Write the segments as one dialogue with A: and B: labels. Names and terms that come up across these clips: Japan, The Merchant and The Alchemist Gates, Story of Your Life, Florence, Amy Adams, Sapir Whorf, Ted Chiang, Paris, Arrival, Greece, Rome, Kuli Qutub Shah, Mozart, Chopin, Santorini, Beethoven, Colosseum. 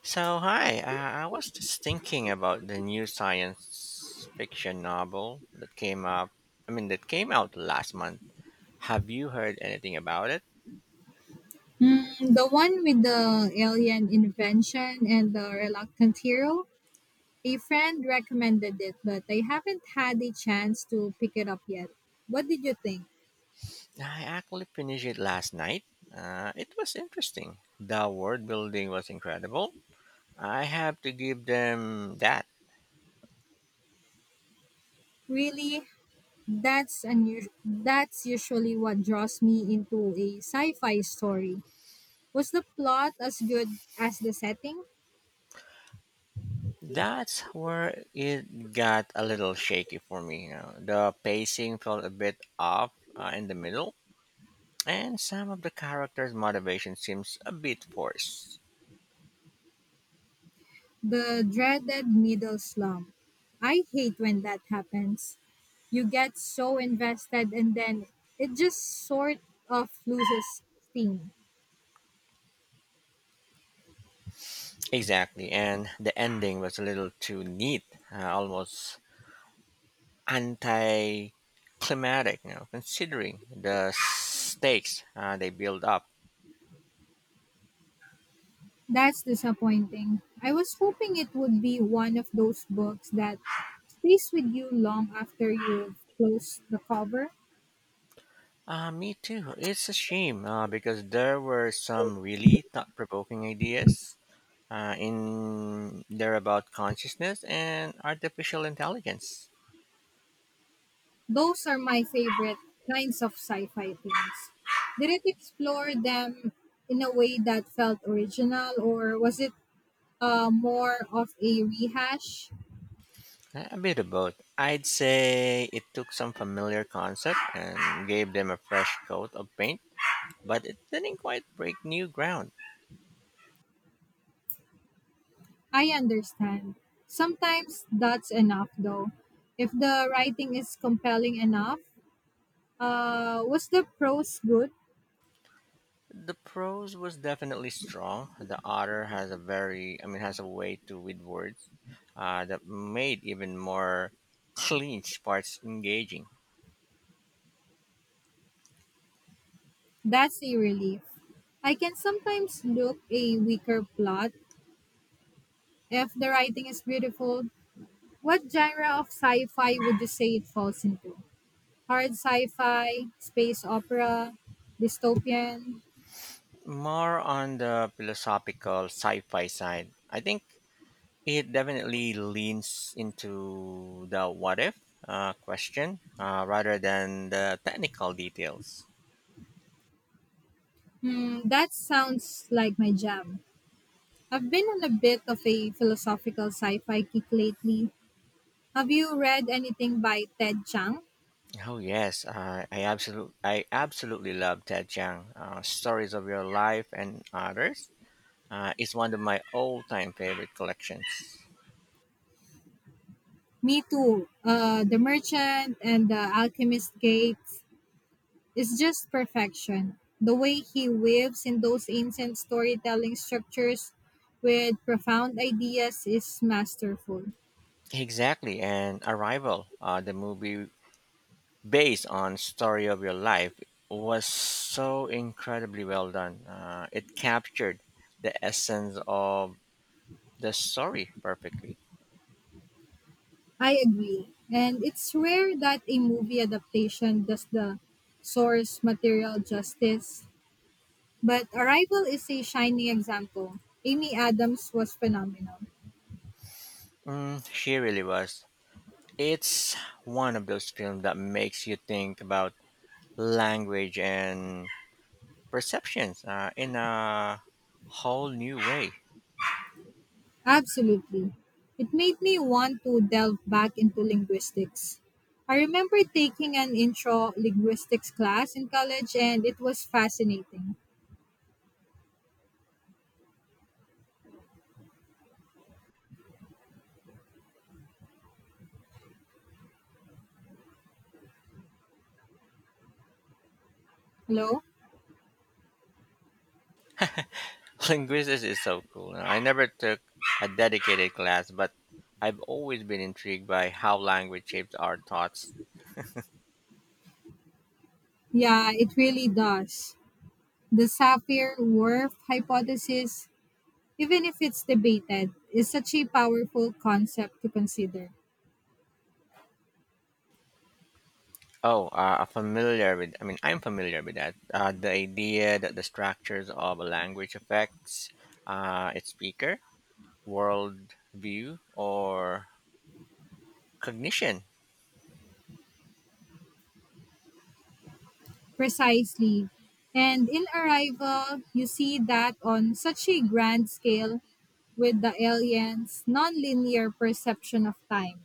A: So, hi, I was just thinking about the new science fiction novel that came up. I mean, that came out last month. Have you heard anything about it?
B: Mm, the one with the alien invention and the reluctant hero. A friend recommended it, but I haven't had a chance to pick it up yet. What did you think?
A: I actually finished it last night. It was interesting. The world building was incredible. I have to give them that.
B: Really, that's unusual. That's usually what draws me into a sci-fi story. Was the plot as good as the setting?
A: That's where it got a little shaky for me, you know. The pacing felt a bit off in the middle, and some of the characters' motivation seems a bit forced.
B: The dreaded middle slump. I hate when that happens. You get so invested and then it just sort of loses steam.
A: Exactly, and the ending was a little too neat, almost anti-climatic, you know, considering the stakes they build up.
B: That's disappointing. I was hoping it would be one of those books that stays with you long after you've closed the cover.
A: Me too. It's a shame because there were some really thought-provoking ideas in there about consciousness and artificial intelligence.
B: Those are my favorite kinds of sci fi themes. Did it explore them in a way that felt original, or was it more of a rehash?
A: A bit of both. I'd say it took some familiar concept and gave them a fresh coat of paint, but it didn't quite break new ground.
B: I understand. Sometimes that's enough, though. If the writing is compelling enough, was the prose good?
A: The prose was definitely strong. The author has a very, I mean, has a way to with words that made even more clinch parts engaging.
B: That's a relief. I can sometimes look a weaker plot if the writing is beautiful. What genre of sci-fi would you say it falls into? Hard sci-fi, space opera, dystopian.
A: More on the philosophical sci-fi side, I think it definitely leans into the what if question rather than the technical details.
B: Hmm, that sounds like my jam. I've been on a bit of a philosophical sci fi kick lately. Have you read anything by Ted Chiang?
A: Oh yes, I absolutely love Ted Chiang. Stories of your life and others. It's one of my all-time favorite collections.
B: Me too. The Merchant and The Alchemist Gates is just perfection. The way he weaves in those ancient storytelling structures with profound ideas is masterful.
A: Exactly, and Arrival, the movie based on Story of Your Life, was so incredibly well done. It captured the essence of the story perfectly.
B: I agree. And it's rare that a movie adaptation does the source material justice. But Arrival is a shining example. Amy Adams was phenomenal.
A: Mm, she really was. It's one of those films that makes you think about language and perceptions in a whole new way.
B: Absolutely. It made me want to delve back into linguistics. I remember taking an intro linguistics class in college and it was fascinating. Hello?
A: Linguistics is so cool. I never took a dedicated class, but I've always been intrigued by how language shapes our thoughts.
B: Yeah, it really does. The Sapir Whorf hypothesis, even if it's debated, is such a powerful concept to consider.
A: Oh, I'm familiar with that. The idea that the structures of a language affects its speaker, world view, or cognition.
B: Precisely. And in Arrival, you see that on such a grand scale with the aliens' nonlinear perception of time?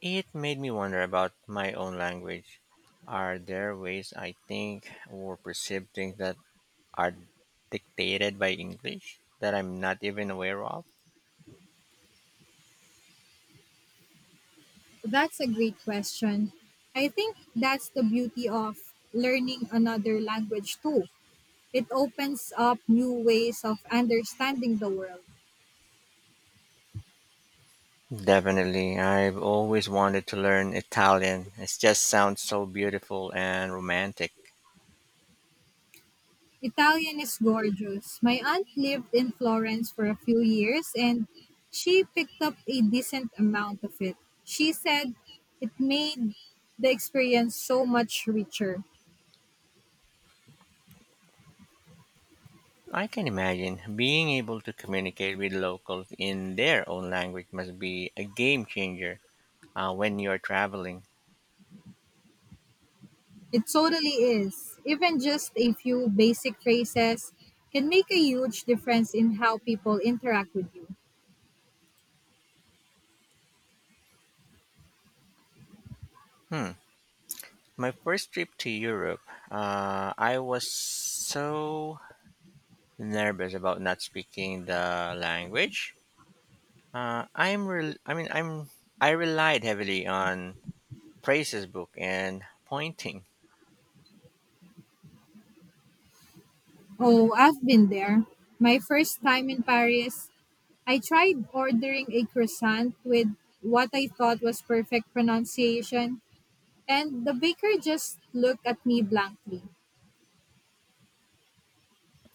A: It made me wonder about my own language. Are there ways I think or perceive things that are dictated by English that I'm not even aware of?
B: That's a great question. I think that's the beauty of learning another language too. It opens up new ways of understanding the world.
A: Definitely. I've always wanted to learn Italian. It just sounds so beautiful and romantic.
B: Italian is gorgeous. My aunt lived in Florence for a few years and she picked up a decent amount of it. She said it made the experience so much richer.
A: I can imagine being able to communicate with locals in their own language must be a game changer when you're traveling.
B: It totally is. Even just a few basic phrases can make a huge difference in how people interact with you.
A: Hmm. My first trip to Europe, I was so nervous about not speaking the language. I'm rel- I mean I'm I relied heavily on Praise's book and pointing.
B: Oh, I've been there. My first time in Paris, I tried ordering a croissant with what I thought was perfect pronunciation, and the baker just looked at me blankly.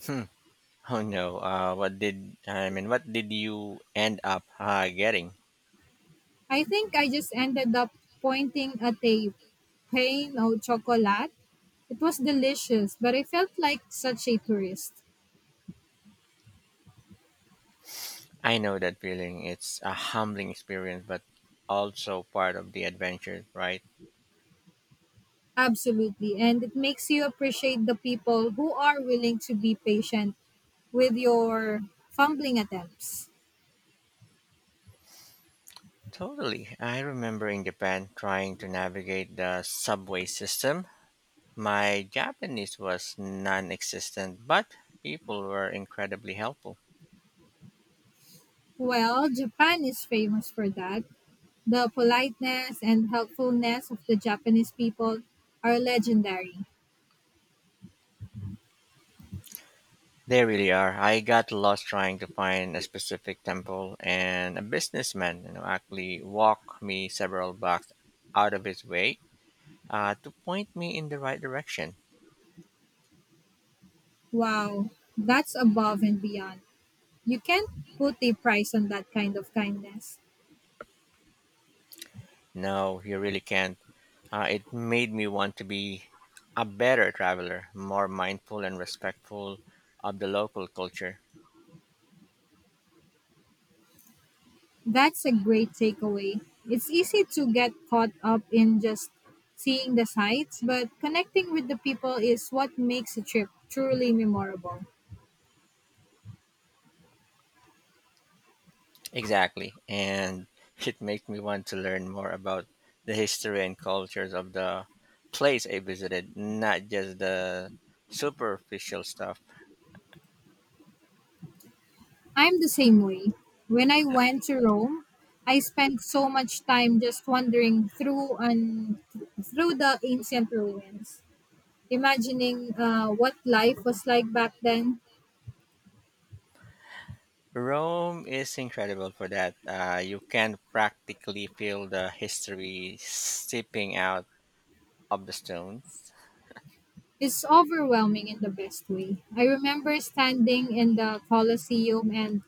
A: Hmm. Oh no. What did I mean? What did you end up getting?
B: I think I just ended up pointing at a pain au chocolat. It was delicious, but I felt like such a tourist.
A: I know that feeling. It's a humbling experience, but also part of the adventure, right?
B: Absolutely. And it makes you appreciate the people who are willing to be patient with your fumbling attempts.
A: Totally. I remember in Japan trying to navigate the subway system. My Japanese was non-existent, but people were incredibly helpful.
B: Well, Japan is famous for that. The politeness and helpfulness of the Japanese people are legendary.
A: They really are. I got lost trying to find a specific temple, and a businessman, you know, actually walked me several blocks out of his way to point me in the right direction.
B: Wow, that's above and beyond. You can't put a price on that kind of kindness.
A: No, you really can't. It made me want to be a better traveler, more mindful and respectful of the local culture.
B: That's a great takeaway. It's easy to get caught up in just seeing the sights, but connecting with the people is what makes a trip truly memorable.
A: Exactly. And it makes me want to learn more about the history and cultures of the place I visited, not just the superficial stuff.
B: I'm the same way. When I went to Rome, I spent so much time just wandering through the ancient ruins, imagining what life was like back then.
A: Rome is incredible for that. You can practically feel the history seeping out of the stones.
B: It's overwhelming in the best way. I remember standing in the Colosseum and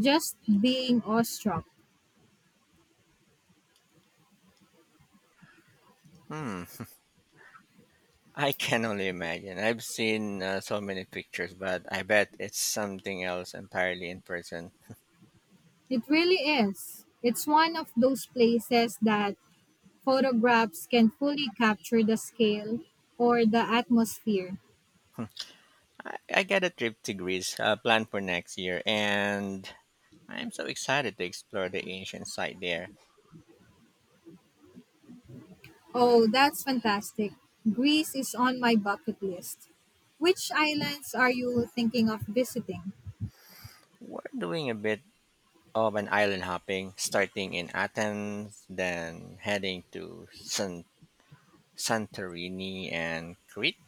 B: just being awestruck.
A: Hmm. I can only imagine. I've seen so many pictures, but I bet it's something else entirely in person.
B: It really is. It's one of those places that photographs can fully capture the scale or the atmosphere.
A: I got a trip to Greece planned for next year, and I'm so excited to explore the ancient site there.
B: Oh, that's fantastic. Greece is on my bucket list. Which islands are you thinking of visiting?
A: We're doing a bit of an island hopping, starting in Athens, then heading to Santorini and Crete.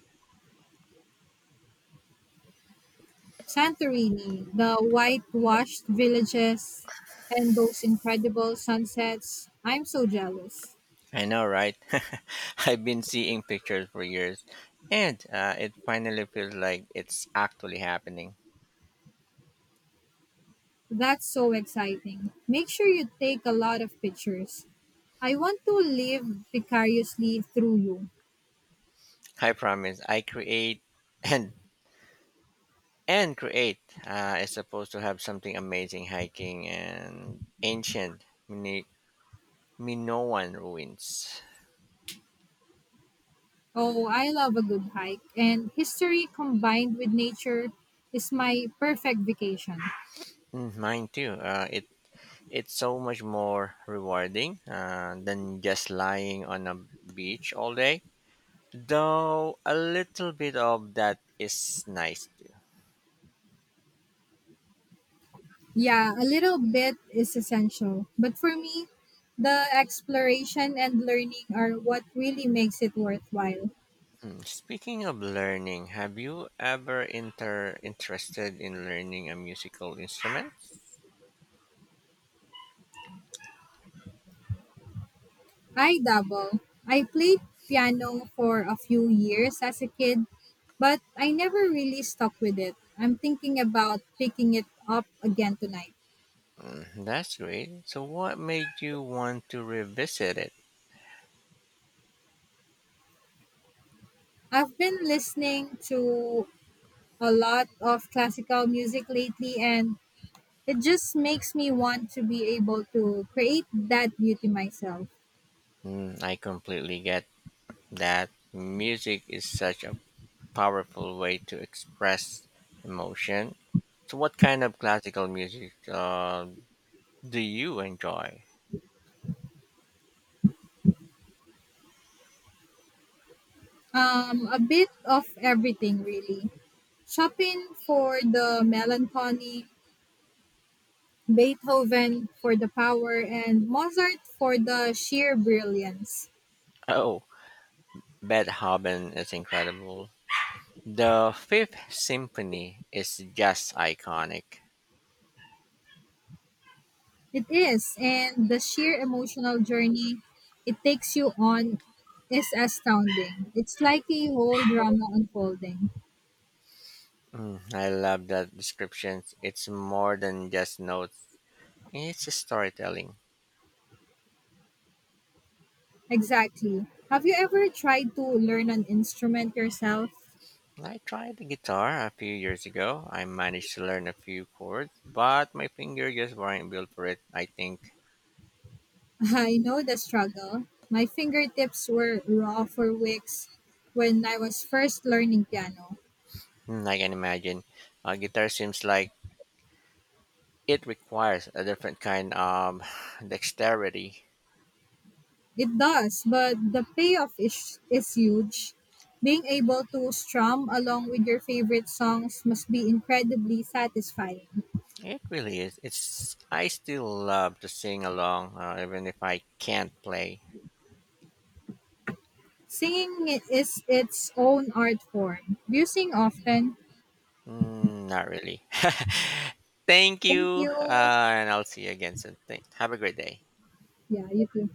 B: Santorini, the whitewashed villages and those incredible sunsets. I'm so jealous.
A: I know, right? I've been seeing pictures for years, and it finally feels like it's actually happening.
B: That's so exciting. Make sure you take a lot of pictures. I want to live vicariously through you.
A: I promise, I create and and create is supposed to have something amazing hiking and ancient Minoan ruins.
B: Oh, I love a good hike, and history combined with nature is my perfect vacation.
A: Mm, mine too. It it's so much more rewarding than just lying on a beach all day. Though a little bit of that is nice too.
B: Yeah, a little bit is essential, but for me, the exploration and learning are what really makes it worthwhile.
A: Mm. Speaking of learning, have you ever interested in learning a musical instrument?
B: I dabble. I played piano for a few years as a kid, but I never really stuck with it. I'm thinking about picking it up again tonight.
A: Mm, that's great. So what made you want to revisit it?
B: I've been listening to a lot of classical music lately, and it just makes me want to be able to create that beauty myself.
A: Mm, I completely get that. Music is such a powerful way to express emotion. So, what kind of classical music do you enjoy?
B: A bit of everything, really. Chopin for the melancholy, Beethoven for the power and Mozart for the sheer brilliance.
A: Oh, Beethoven is incredible. The Fifth Symphony is just iconic.
B: It is, and the sheer emotional journey it takes you on is astounding. It's like a whole drama unfolding.
A: Mm, I love that description. It's more than just notes, it's a storytelling.
B: Exactly. Have you ever tried to learn an instrument yourself?
A: I tried the guitar a few years ago. I managed to learn a few chords, but my fingers just weren't built for it, I think.
B: I know the struggle. My fingertips were raw for weeks when I was first learning piano.
A: Mm, I can imagine. Guitar seems like it requires a different kind of dexterity.
B: It does, but the payoff is huge. Being able to strum along with your favorite songs must be incredibly satisfying.
A: It really is. It's. I still love to sing along, even if I can't play.
B: Singing is its own art form. Do you sing often?
A: Mm, not really. Thank
B: Thank
A: you,
B: you.
A: and I'll see you again soon. Have a great day.
B: Yeah, you too.